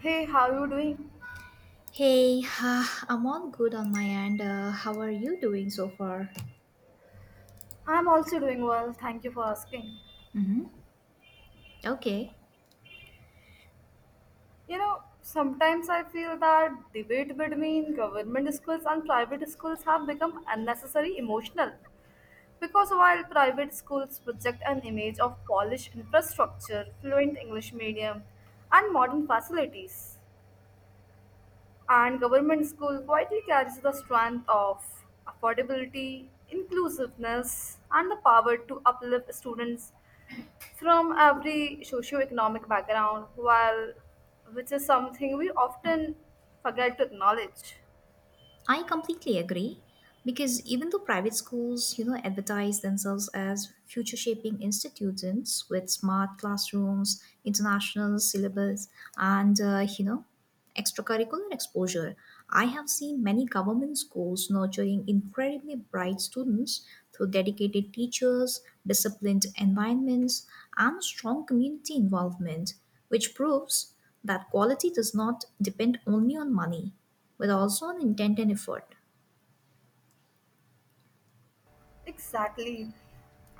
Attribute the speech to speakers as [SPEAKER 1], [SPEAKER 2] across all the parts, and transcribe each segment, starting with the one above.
[SPEAKER 1] Hey, how you doing?
[SPEAKER 2] Hey, I'm all good on my end. How are you doing so far?
[SPEAKER 1] I'm also doing well. Thank you for asking.
[SPEAKER 2] Mm-hmm. Okay.
[SPEAKER 1] You know, sometimes I feel that debate between government schools and private schools have become unnecessary emotional because while private schools project an image of polished infrastructure, fluent English medium, and modern facilities, and government school quietly carries the strength of affordability, inclusiveness, and the power to uplift students from every socio-economic background while which is something we often forget to acknowledge.
[SPEAKER 2] I completely agree because even though private schools, advertise themselves as future shaping institutions with smart classrooms, international syllabus, and extracurricular exposure, I have seen many government schools nurturing incredibly bright students through dedicated teachers, disciplined environments, and strong community involvement, which proves that quality does not depend only on money with also an intent and effort.
[SPEAKER 1] Exactly.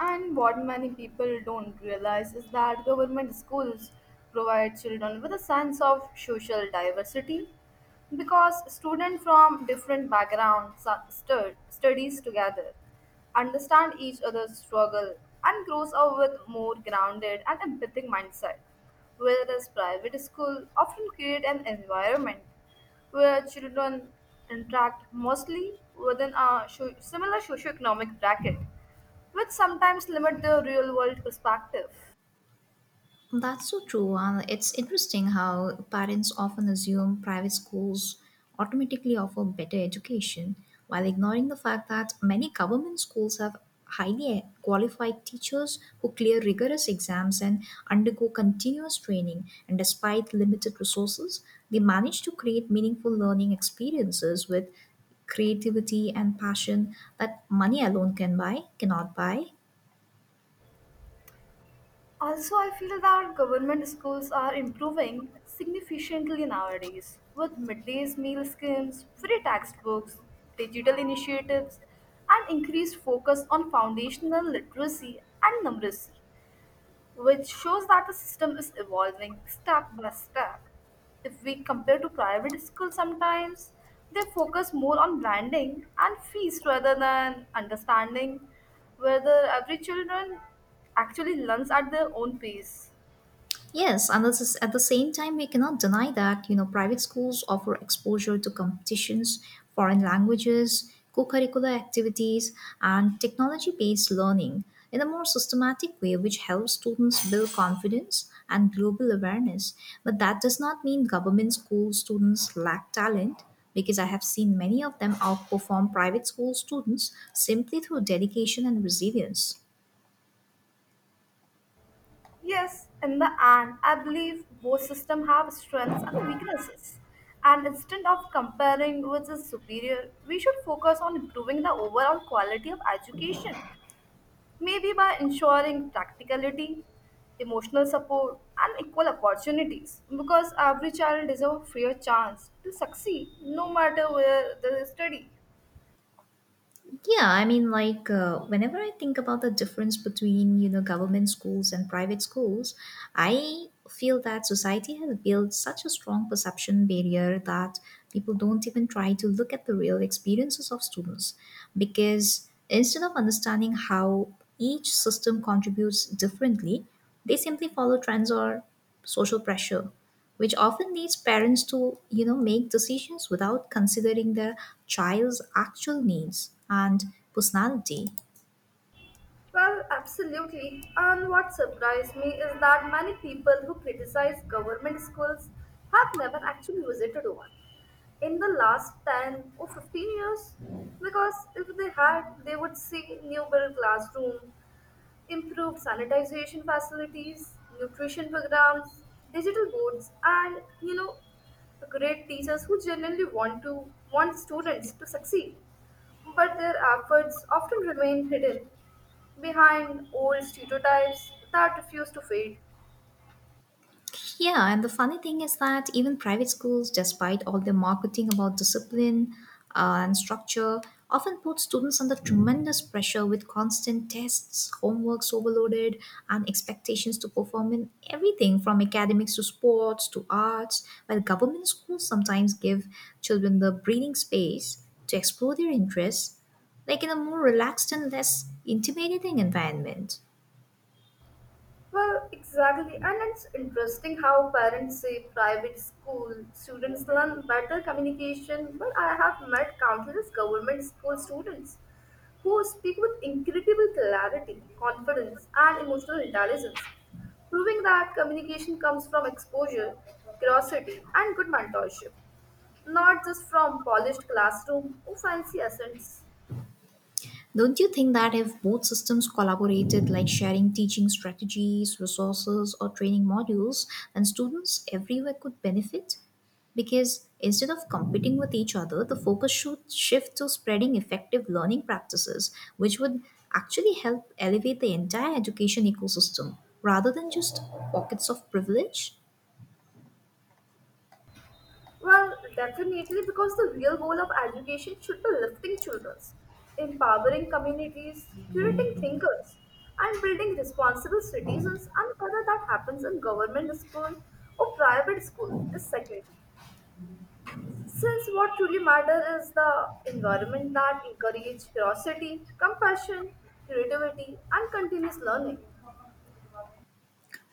[SPEAKER 1] And what many people don't realize is that government schools provide children with a sense of social diversity because students from different backgrounds studies together, understand each other's struggle, and grows up with more grounded and empathic mindset. Whereas private school often create an environment where children interact mostly within a similar socioeconomic bracket, which sometimes limit the real-world perspective.
[SPEAKER 2] That's so true. It's interesting how parents often assume private schools automatically offer better education while ignoring the fact that many government schools have highly qualified teachers who clear rigorous exams and undergo continuous training, and despite limited resources they manage to create meaningful learning experiences with creativity and passion that money alone can buy cannot buy.
[SPEAKER 1] Also, I feel that government schools are improving significantly nowadays with midday meal schemes, free textbooks, digital initiatives, and increased focus on foundational literacy and numeracy which shows that the system is evolving step by step. If we compare to private schools, sometimes they focus more on branding and fees rather than understanding whether every children actually learns at their own pace.
[SPEAKER 2] Yes, and this is, at the same time, we cannot deny that private schools offer exposure to competitions, foreign languages, co-curricular activities, and technology-based learning in a more systematic way, which helps students build confidence and global awareness. But that does not mean government school students lack talent, because I have seen many of them outperform private school students simply through dedication and resilience.
[SPEAKER 1] Yes, in the end, I believe both systems have strengths and weaknesses. And instead of comparing which is superior, we should focus on improving the overall quality of education. Maybe by ensuring practicality, emotional support, and equal opportunities, because every child deserves a fair chance to succeed no matter where they study.
[SPEAKER 2] Yeah, I mean, like, whenever I think about the difference between, government schools and private schools, I feel that society has built such a strong perception barrier that people don't even try to look at the real experiences of students. Because instead of understanding how each system contributes differently, they simply follow trends or social pressure, which often leads parents to make decisions without considering their child's actual needs and personality.
[SPEAKER 1] Well, absolutely. And what surprised me is that many people who criticize government schools have never actually visited one in the last 10 or 15 years because if they had, they would see new built classroom, improved sanitization facilities, nutrition programs, digital boards, and great teachers who genuinely want students to succeed. But their efforts often remain hidden behind old stereotypes that refuse to fade.
[SPEAKER 2] Yeah, and the funny thing is that even private schools, despite all the marketing about discipline and structure, often put students under tremendous pressure with constant tests, homeworks overloaded, and expectations to perform in everything from academics to sports to arts, while government schools sometimes give children the breathing space to explore their interests, like in a more relaxed and less intimidating environment.
[SPEAKER 1] Well, exactly. And it's interesting how parents say private school students learn better communication, but I have met countless government school students who speak with incredible clarity, confidence, and emotional intelligence, proving that communication comes from exposure, curiosity, and good mentorship, not just from polished classroom or fancy accents.
[SPEAKER 2] Don't you think that if both systems collaborated, like sharing teaching strategies, resources, or training modules, then students everywhere could benefit? Because instead of competing with each other, the focus should shift to spreading effective learning practices, which would actually help elevate the entire education ecosystem rather than just pockets of privilege.
[SPEAKER 1] Well, definitely, because the real goal of education should be lifting children, empowering communities, curating thinkers, and building responsible citizens. And whether that happens in government school or private school is secondary. Since what truly matters is the environment that encourages curiosity, compassion, creativity, and continuous learning.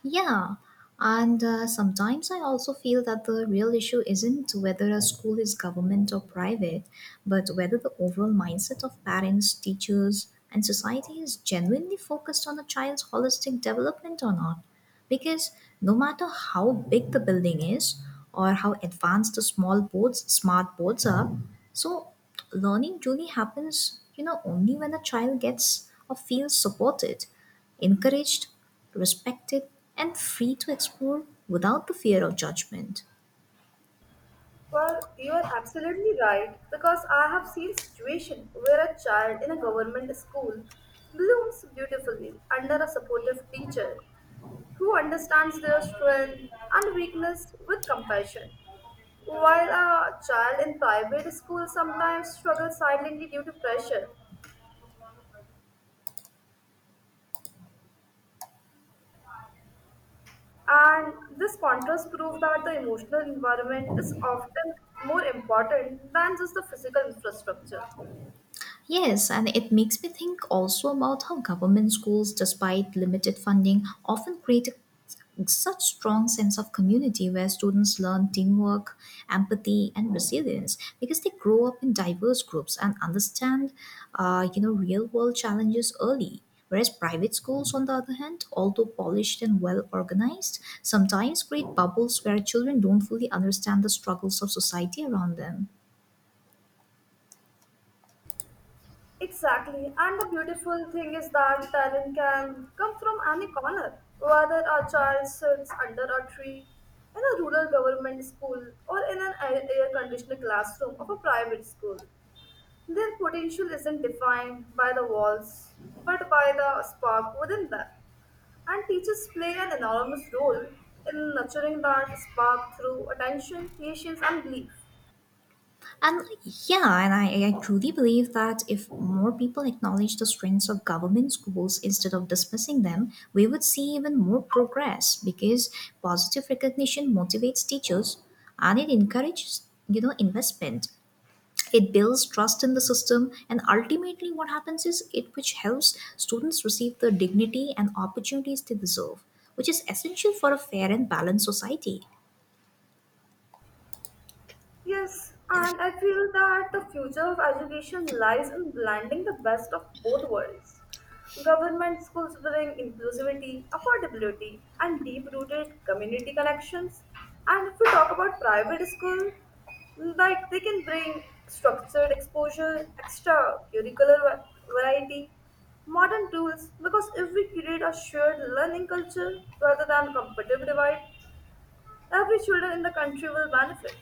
[SPEAKER 2] Yeah, and sometimes I also feel that the real issue isn't whether a school is government or private, but whether the overall mindset of parents, teachers, and society is genuinely focused on a child's holistic development or not. Because no matter how big the building is or how advanced the small boards, smart boards are, so learning truly happens, only when a child gets or feels supported, encouraged, respected, and free to explore without the fear of judgment.
[SPEAKER 1] Well, you are absolutely right because I have seen situation where a child in a government school blooms beautifully under a supportive teacher who understands their strength and weakness with compassion. While a child in private school sometimes struggles silently due to pressure, and this contrast proves that the emotional environment is often more important than just the physical infrastructure.
[SPEAKER 2] Yes, and it makes me think also about how government schools, despite limited funding, often create a, such strong sense of community where students learn teamwork, empathy, and resilience because they grow up in diverse groups and understand, real world challenges early. Whereas private schools, on the other hand, although polished and well organized, sometimes create bubbles where children don't fully understand the struggles of society around them.
[SPEAKER 1] Exactly. And the beautiful thing is that talent can come from any corner, whether a child sits under a tree, in a rural government school, or in an air conditioned classroom of a private school. Their potential isn't defined by the walls, but by the spark within them. And teachers play an enormous role in nurturing that spark through attention, patience, and belief.
[SPEAKER 2] And yeah, and I truly believe that if more people acknowledge the strengths of government schools instead of dismissing them, we would see even more progress because positive recognition motivates teachers and it encourages, investment. It builds trust in the system, and ultimately, what happens is it which helps students receive the dignity and opportunities they deserve, which is essential for a fair and balanced society.
[SPEAKER 1] Yes, and I feel that the future of education lies in blending the best of both worlds. Government schools bring inclusivity, affordability, and deep rooted community connections. And if we talk about private school, like they can bring structured exposure, extra curricular variety, modern tools, because if we create a shared learning culture rather than competitive divide, every children in the country will benefit.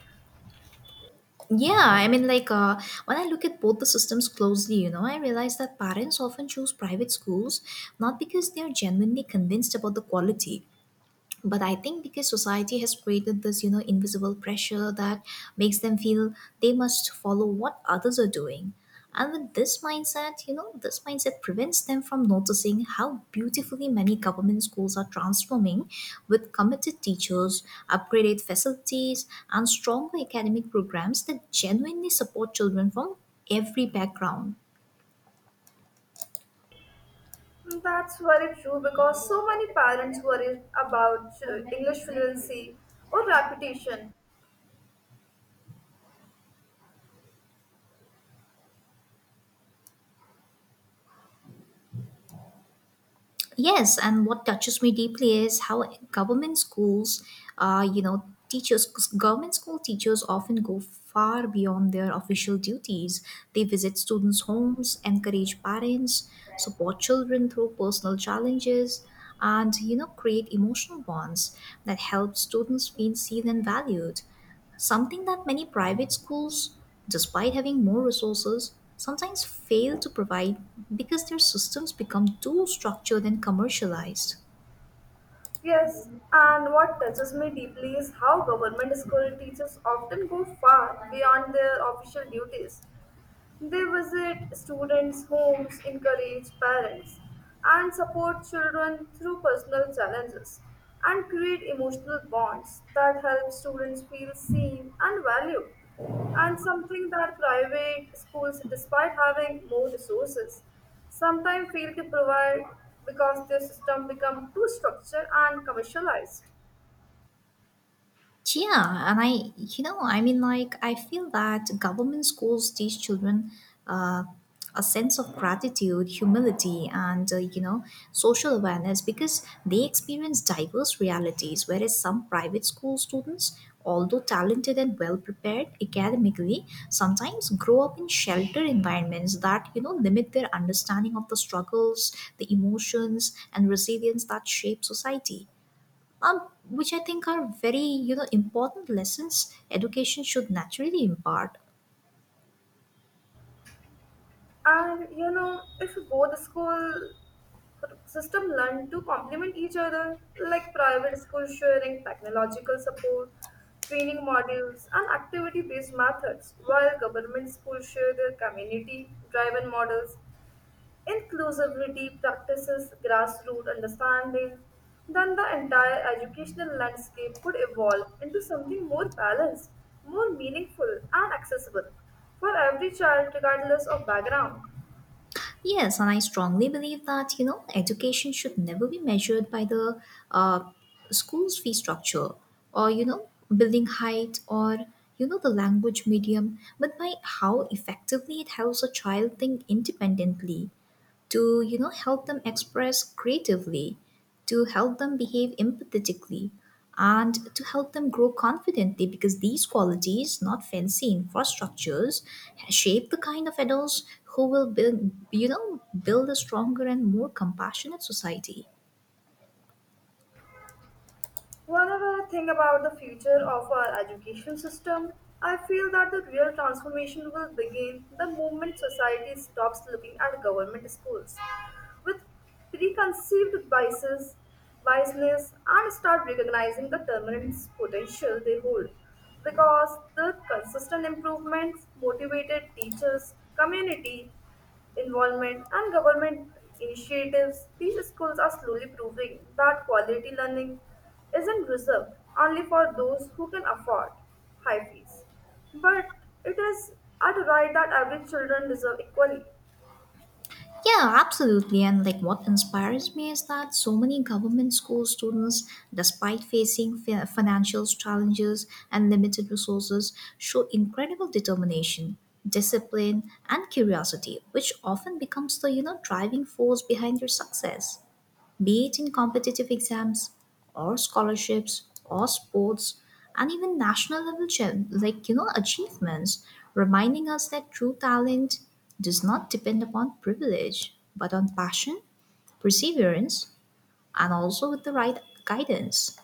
[SPEAKER 2] Yeah, I mean, like, when I look at both the systems closely, I realize that parents often choose private schools not because they're genuinely convinced about the quality, but I think because society has created this invisible pressure that makes them feel they must follow what others are doing, and with this mindset, this mindset prevents them from noticing how beautifully many government schools are transforming with committed teachers, upgraded facilities, and stronger academic programs that genuinely support children from every background.
[SPEAKER 1] That's very true because so many parents worry about English fluency or reputation.
[SPEAKER 2] Yes, and what touches me deeply is how government schools, uh, you know, teachers, government school teachers often go far beyond their official duties. They visit students' homes, encourage parents, support children through personal challenges, and, create emotional bonds that help students feel seen and valued. Something that many private schools, despite having more resources, sometimes fail to provide because their systems become too structured and commercialized.
[SPEAKER 1] Yes, and what touches me deeply is how government school teachers often go far beyond their official duties. They visit students' homes, encourage parents, and support children through personal challenges and create emotional bonds that help students feel seen and valued. And something that private schools, despite having more resources, sometimes fail to provide because their system become too structured and commercialized.
[SPEAKER 2] Yeah, and I, you know, I mean, like, I feel that government schools teach children uh, a sense of gratitude, humility, and, social awareness because they experience diverse realities. Whereas some private school students, although talented and well prepared academically, sometimes grow up in sheltered environments that, limit their understanding of the struggles, the emotions, and resilience that shape society, um, which I think are very important lessons education should naturally impart.
[SPEAKER 1] And if both school system learn to complement each other, like private school sharing technological support, training modules, and activity based methods, while government schools share their community driven models, inclusivity practices, grassroots understanding. Then the entire educational landscape could evolve into something more balanced, more meaningful, and accessible for every child, regardless of background.
[SPEAKER 2] Yes, and I strongly believe that education should never be measured by the uh, school's fee structure or building height or the language medium, but by how effectively it helps a child think independently, to help them express creatively, to help them behave empathetically, and to help them grow confidently, because these qualities, not fancy infrastructures, shape the kind of adults who will build you know build a stronger and more compassionate society.
[SPEAKER 1] Whenever I think about the future of our education system, I feel that the real transformation will begin the moment society stops looking at government schools with preconceived biases, biasness, and start recognizing the tremendous potential they hold. Because the consistent improvements, motivated teachers, community involvement, and government initiatives, these schools are slowly proving that quality learning isn't reserved only for those who can afford high fees, but it is at a right that every children deserve equally.
[SPEAKER 2] Yeah, absolutely. And like what inspires me is that so many government school students, despite facing financial challenges and limited resources, show incredible determination, discipline, and curiosity, which often becomes the, driving force behind their success, be it in competitive exams or scholarships or sports and even national level achievements, reminding us that true talent does not depend upon privilege but on passion, perseverance, and also with the right guidance.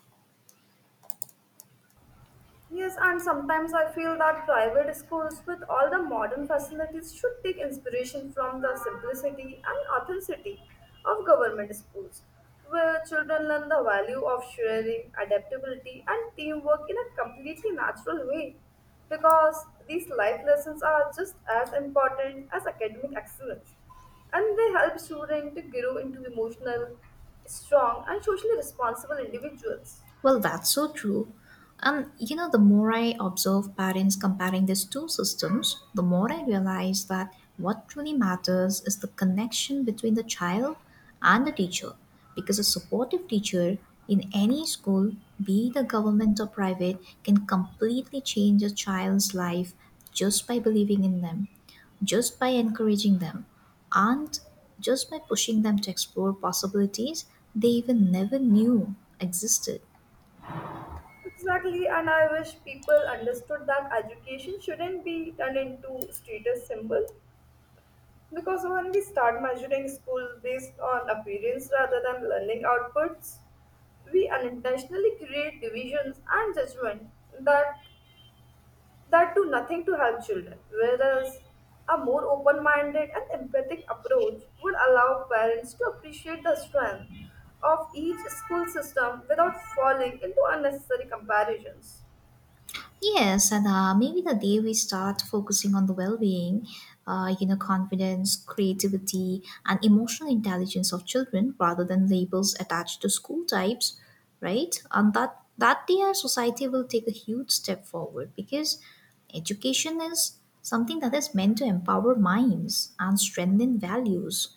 [SPEAKER 1] Yes, and sometimes I feel that private schools with all the modern facilities should take inspiration from the simplicity and authenticity of government schools, where children learn the value of sharing, adaptability, and teamwork in a completely natural way. Because these life lessons are just as important as academic excellence, and they help students to grow into emotional, strong, and socially responsible individuals.
[SPEAKER 2] Well, that's so true. And you know, the more I observe parents comparing these two systems, the more I realize that what truly matters is the connection between the child and the teacher. Because a supportive teacher in any school, be it a government or private, can completely change a child's life just by believing in them, just by encouraging them, and just by pushing them to explore possibilities they even never knew existed.
[SPEAKER 1] Exactly, and I wish people understood that education shouldn't be turned into status symbol because when we start measuring school based on appearance rather than learning outputs, we unintentionally create divisions and judgment that that do nothing to help children. Whereas a more open-minded and empathic approach would allow parents to appreciate the strength of each school system without falling into unnecessary comparisons.
[SPEAKER 2] Yes, and maybe the day we start focusing on the well-being, confidence, creativity, and emotional intelligence of children rather than labels attached to school types, right? And that day our society will take a huge step forward because education is something that is meant to empower minds and strengthen values,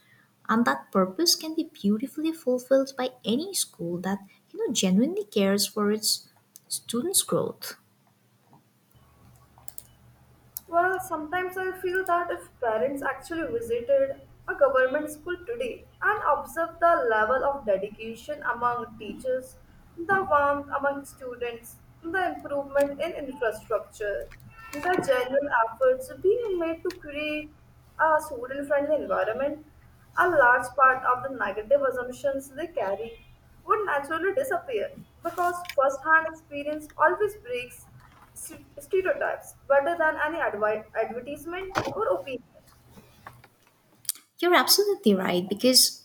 [SPEAKER 2] and that purpose can be beautifully fulfilled by any school that genuinely cares for its students' growth.
[SPEAKER 1] Well, sometimes I feel that if parents actually visited a government school today and observed the level of dedication among teachers, the warmth among students, the improvement in infrastructure, the general efforts being made to create a student friendly environment, a large part of the negative assumptions they carry would naturally disappear because first hand experience always breaks stereotypes better than any advertisement or opinion.
[SPEAKER 2] You're absolutely right because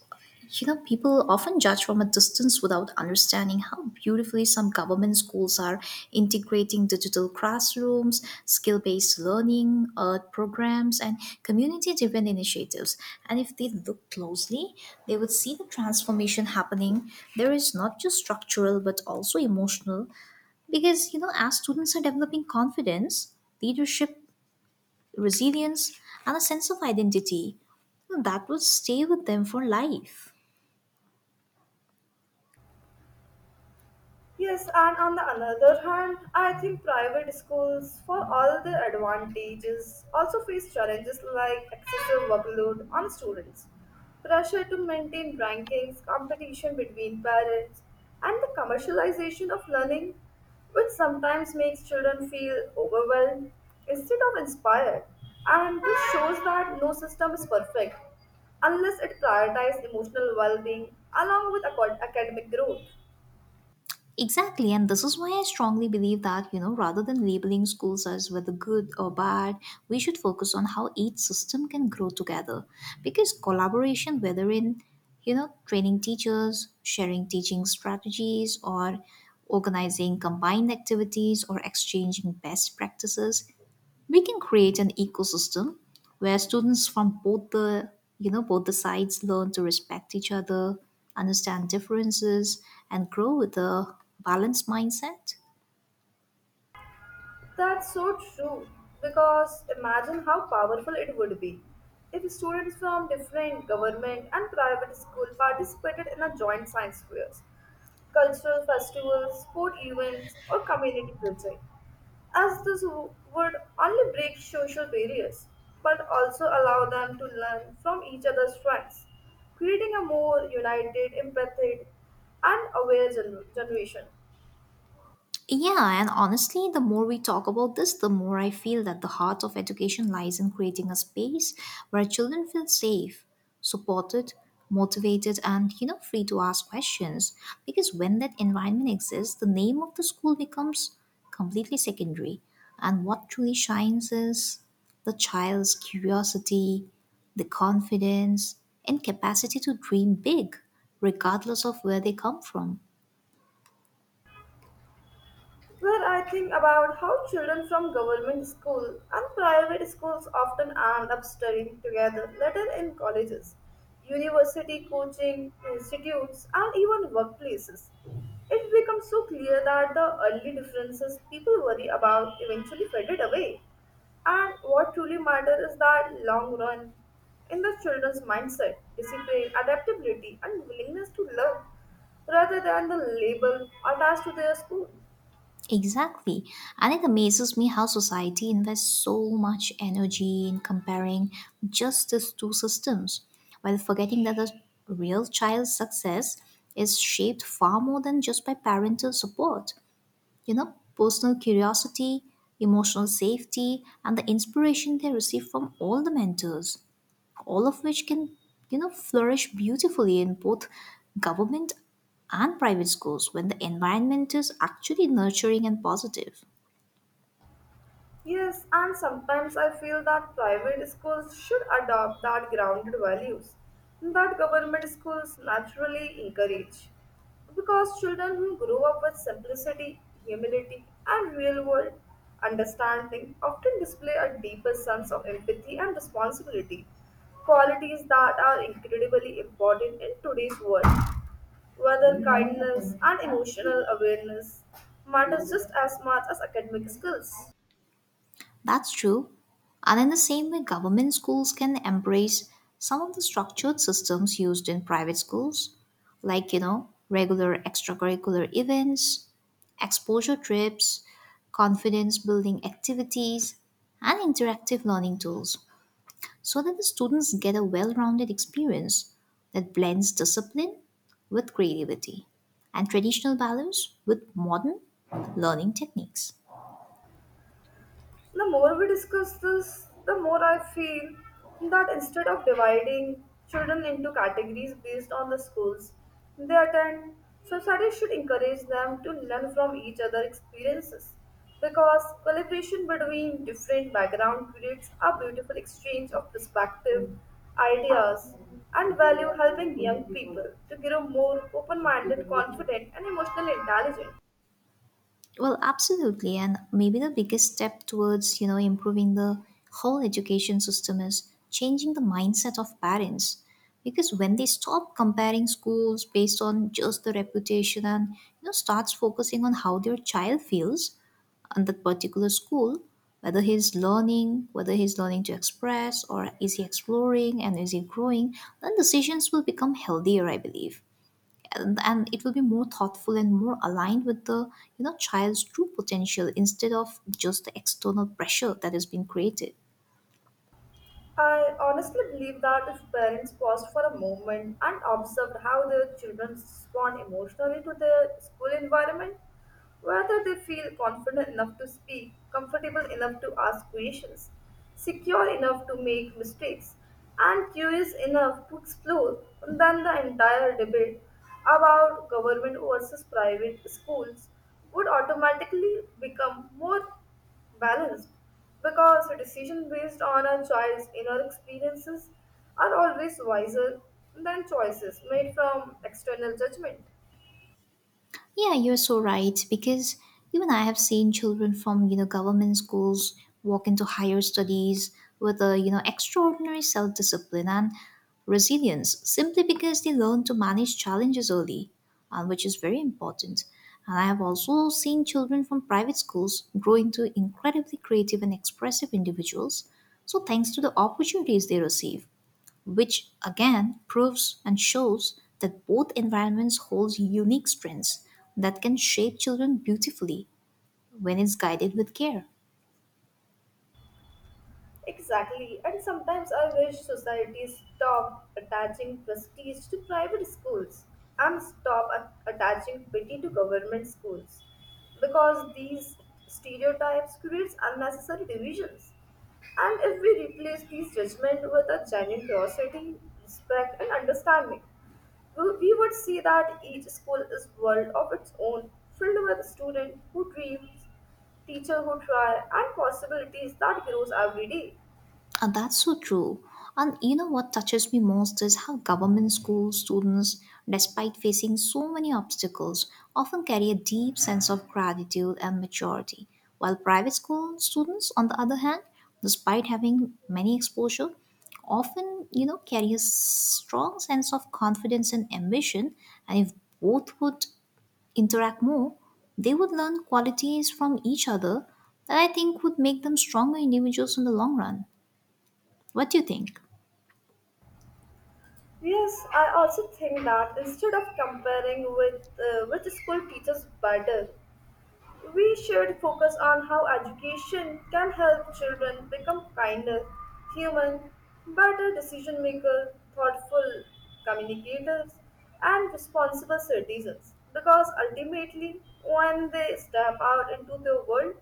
[SPEAKER 2] people often judge from a distance without understanding how beautifully some government schools are integrating digital classrooms, skill-based learning, art programs and community-driven initiatives. And if they look closely, they would see the transformation happening. There is not just structural but also emotional, because as students are developing confidence, leadership, resilience, and a sense of identity that will stay with them for life.
[SPEAKER 1] Yes, and on the another hand, I think private schools, for all their advantages, also face challenges like excessive workload on students, pressure to maintain rankings, competition between parents, and the commercialization of learning, which sometimes makes children feel overwhelmed instead of inspired. And this shows that no system is perfect unless it prioritizes emotional well being along with academic growth.
[SPEAKER 2] Exactly, and this is why I strongly believe that, rather than labeling schools as whether good or bad, we should focus on how each system can grow together. Because collaboration, whether in, training teachers, sharing teaching strategies, or organizing combined activities, or exchanging best practices, we can create an ecosystem where students from both the sides learn to respect each other, understand differences, and grow with a balanced mindset.
[SPEAKER 1] That's so true. Because imagine how powerful it would be if students from different government and private school participated in a joint science fairs, cultural festivals, sport events, or community project. As this would only break social barriers, but also allow them to learn from each other's strengths, creating a more united, empathetic, and aware generation.
[SPEAKER 2] Yeah, and honestly, the more we talk about this, the more I feel that the heart of education lies in creating a space where children feel safe, supported, motivated, and free to ask questions. Because when that environment exists, the name of the school becomes completely secondary, and what truly shines is the child's curiosity, the confidence, and capacity to dream big, regardless of where they come from.
[SPEAKER 1] Where I think about how children from government school and private schools often end up studying together later in colleges, university coaching institutes, and even workplaces. It becomes so clear that the early differences people worry about eventually faded away. And what truly matters is that long run in the children's mindset, discipline, adaptability, and willingness to learn rather than the label attached to their school.
[SPEAKER 2] Exactly. And it amazes me how society invests so much energy in comparing just these two systems, while forgetting that the real child's success is shaped far more than just by parental support. Personal curiosity, emotional safety, and the inspiration they receive from all the mentors, all of which can flourish beautifully in both government and private schools when the environment is actually nurturing and positive.
[SPEAKER 1] Yes, and sometimes I feel that private schools should adopt that grounded values that government schools naturally encourage. Because children who grow up with simplicity, humility, and real world understanding often display a deeper sense of empathy and responsibility, qualities that are incredibly important in today's world, whether kindness and emotional awareness matters just as much as academic skills.
[SPEAKER 2] That's true. And in the same way, government schools can embrace some of the structured systems used in private schools, like regular extracurricular events, exposure trips, confidence building activities, and interactive learning tools, so that the students get a well rounded experience that blends discipline with creativity, and traditional values with modern learning techniques.
[SPEAKER 1] The more we discuss this, the more I feel that instead of dividing children into categories based on the schools they attend, society should encourage them to learn from each other' experiences because collaboration between different backgrounds creates a beautiful exchange of perspective, ideas, and value, helping young people to grow more open minded, confident, and emotionally intelligent.
[SPEAKER 2] Well, absolutely. And maybe the biggest step towards, improving the whole education system is changing the mindset of parents. Because when they stop comparing schools based on just the reputation and, starts focusing on how their child feels, on that particular school, whether he's learning to express, or is he exploring, and is he growing, then decisions will become healthier, I believe. And it will be more thoughtful and more aligned with the child's true potential, instead of just the external pressure that has been created.
[SPEAKER 1] I honestly believe that if parents paused for a moment and observed how their children respond emotionally to their school environment, whether they feel confident enough to speak, comfortable enough to ask questions, secure enough to make mistakes, and curious enough to explore. And then the entire debate about government versus private schools would automatically become more balanced because decisions based on a child's inner experiences are always wiser than choices made from external judgment.
[SPEAKER 2] Yeah, you're so right, because even I have seen children from government schools walk into higher studies with a extraordinary self-discipline and resilience, simply because they learn to manage challenges early, which is very important. And I have also seen children from private schools grow into incredibly creative and expressive individuals. So thanks to the opportunities they receive, which again proves and shows that both environments hold unique strengths that can shape children beautifully when it's guided with care.
[SPEAKER 1] Exactly, and sometimes I wish society stopped attaching prestige to private schools and stop attaching pity to government schools because these stereotypes creates unnecessary divisions. And if we replace these judgment with a genuine curiosity, respect, and understanding, we would see that each school is world of its own, filled with students who dreams, teacher who try, and possibilities that grows every day.
[SPEAKER 2] That's so true. And you know what touches me most is how government school students, despite facing so many obstacles, often carry a deep sense of gratitude and maturity. While private school students, on the other hand, despite having many exposure, often carry a strong sense of confidence and ambition. And if both would interact more, they would learn qualities from each other that I think would make them stronger individuals in the long run. What do you think?
[SPEAKER 1] Yes, I also think that instead of comparing with which school teaches better, we should focus on how education can help children become kinder, human, better decision maker, thoughtful communicators, and responsible citizens. Because ultimately, when they step out into the world,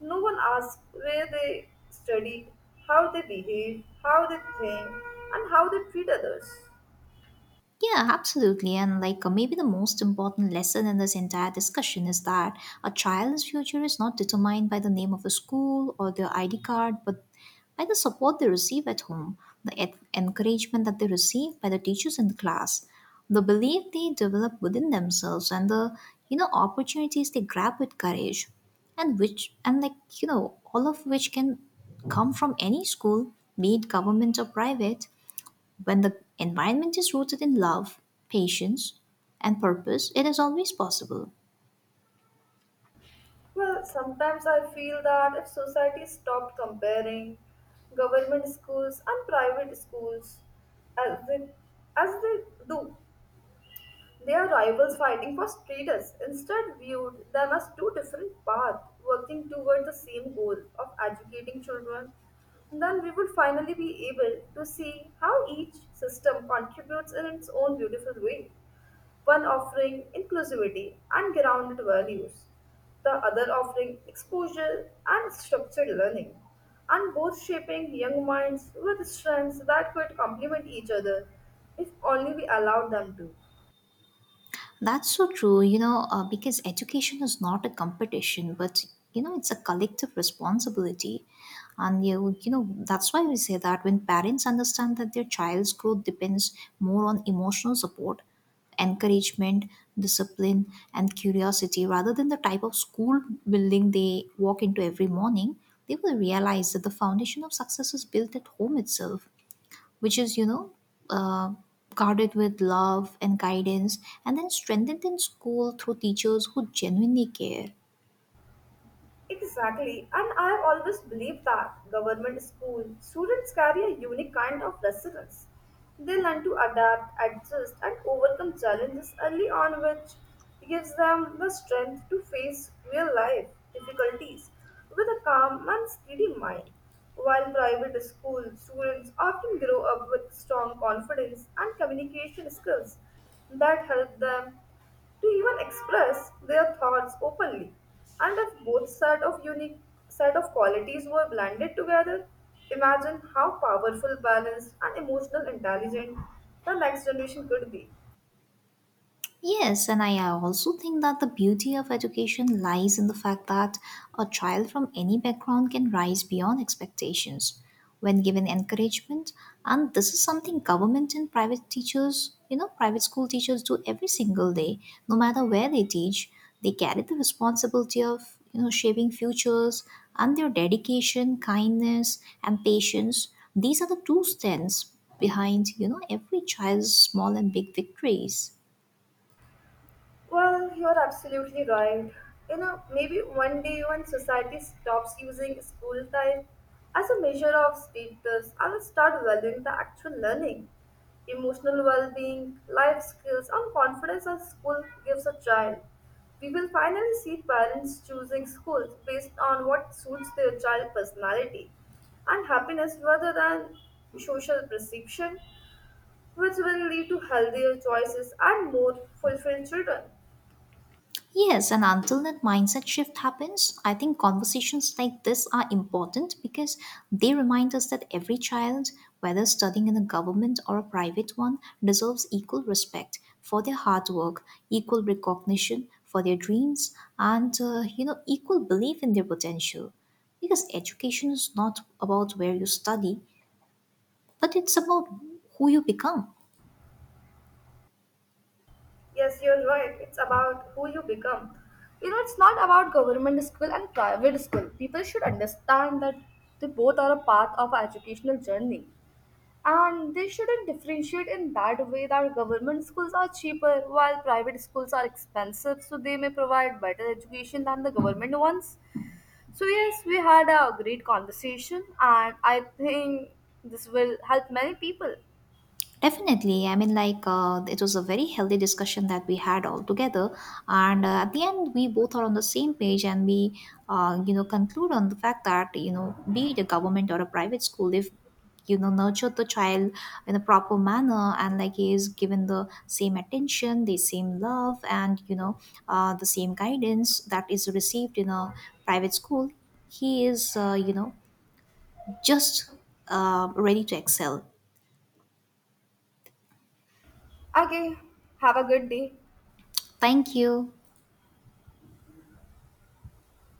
[SPEAKER 1] no one asks where they studied, how they behave, how they think, and how they treat others.
[SPEAKER 2] Yeah, absolutely. And like Maybe the most important lesson in this entire discussion is that a child's future is not determined by the name of a school or their ID card, but by the support they receive at home, the encouragement that they receive by the teachers in the class, the belief they develop within themselves, and the opportunities they grab with courage, and which and like all of which can come from any school, be it government or private. When the environment is rooted in love, patience, and purpose, it is always possible.
[SPEAKER 1] Well, sometimes I feel that if society stopped comparing government schools and private schools as they, as they do, they are rivals fighting for status, instead viewed them as two different paths working toward the same goal of educating children, then we would finally be able to see how each system contributes in its own beautiful way one offering inclusivity and grounded values, the other offering exposure and structured learning, and both shaping young minds with strengths that could complement each other if only we allowed them to.
[SPEAKER 2] That's so true, because education is not a competition, but it's a collective responsibility. And you know, That's why we say that when parents understand that their child's growth depends more on emotional support, encouragement, discipline, and curiosity, rather than the type of school building they walk into every morning, they will realize that the foundation of success is built at home itself, which is, uh, guarded with love and guidance, and then strengthened in school through teachers who genuinely care.
[SPEAKER 1] Exactly, and I have always believed that government school students carry a unique kind of resilience. They learn to adapt, adjust, and overcome challenges early on, which gives them the strength to face real life difficulties with a calm and steady mind. While private school students often grow up with strong confidence and communication skills that help them to even express their thoughts openly. And if both set of unique set of qualities were blended together, imagine how powerful, balanced, and emotional intelligent the next generation could be.
[SPEAKER 2] Yes, and I also think that the beauty of education lies in the fact that a child from any background can rise beyond expectations when given encouragement. And this is something government and private teachers you know private school teachers do every single day. No matter where they teach, they carry the responsibility of shaping futures, and their dedication, kindness, and patience, these are the true strengths behind every child's small and big victories.
[SPEAKER 1] Well, you're absolutely right. You know, maybe one day when society stops using school time as a measure of status, I'll start valuing the actual learning, emotional well being, life skills, and confidence that school gives a child. We will finally see parents choosing schools based on what suits their child's personality and happiness rather than social perception, which will lead to healthier choices and more fulfilled children.
[SPEAKER 2] Yes, and until that mindset shift happens, I think conversations like this are important, because they remind us that every child, whether studying in a government or a private one, deserves equal respect for their hard work, equal recognition for their dreams, and equal belief in their potential. Because education is not about where you study, but it's about who you become.
[SPEAKER 1] Yes, you're right. It's about who you become. You know, it's not about government school and private school. People should understand that they both are a part of our educational journey. And they shouldn't differentiate in that way that government schools are cheaper while private schools are expensive, so they may provide better education than the government ones. So, yes, we had a great conversation, and I think this will help many people.
[SPEAKER 2] Definitely. It was a very healthy discussion that we had all together. And at the end, we both are on the same page, and we conclude on the fact that, be it a government or a private school, if, nurture the child in a proper manner, and, like, he is given the same attention, the same love, and, the same guidance that is received in a private school, he is just ready to excel.
[SPEAKER 1] Okay, have a good day.
[SPEAKER 2] Thank you.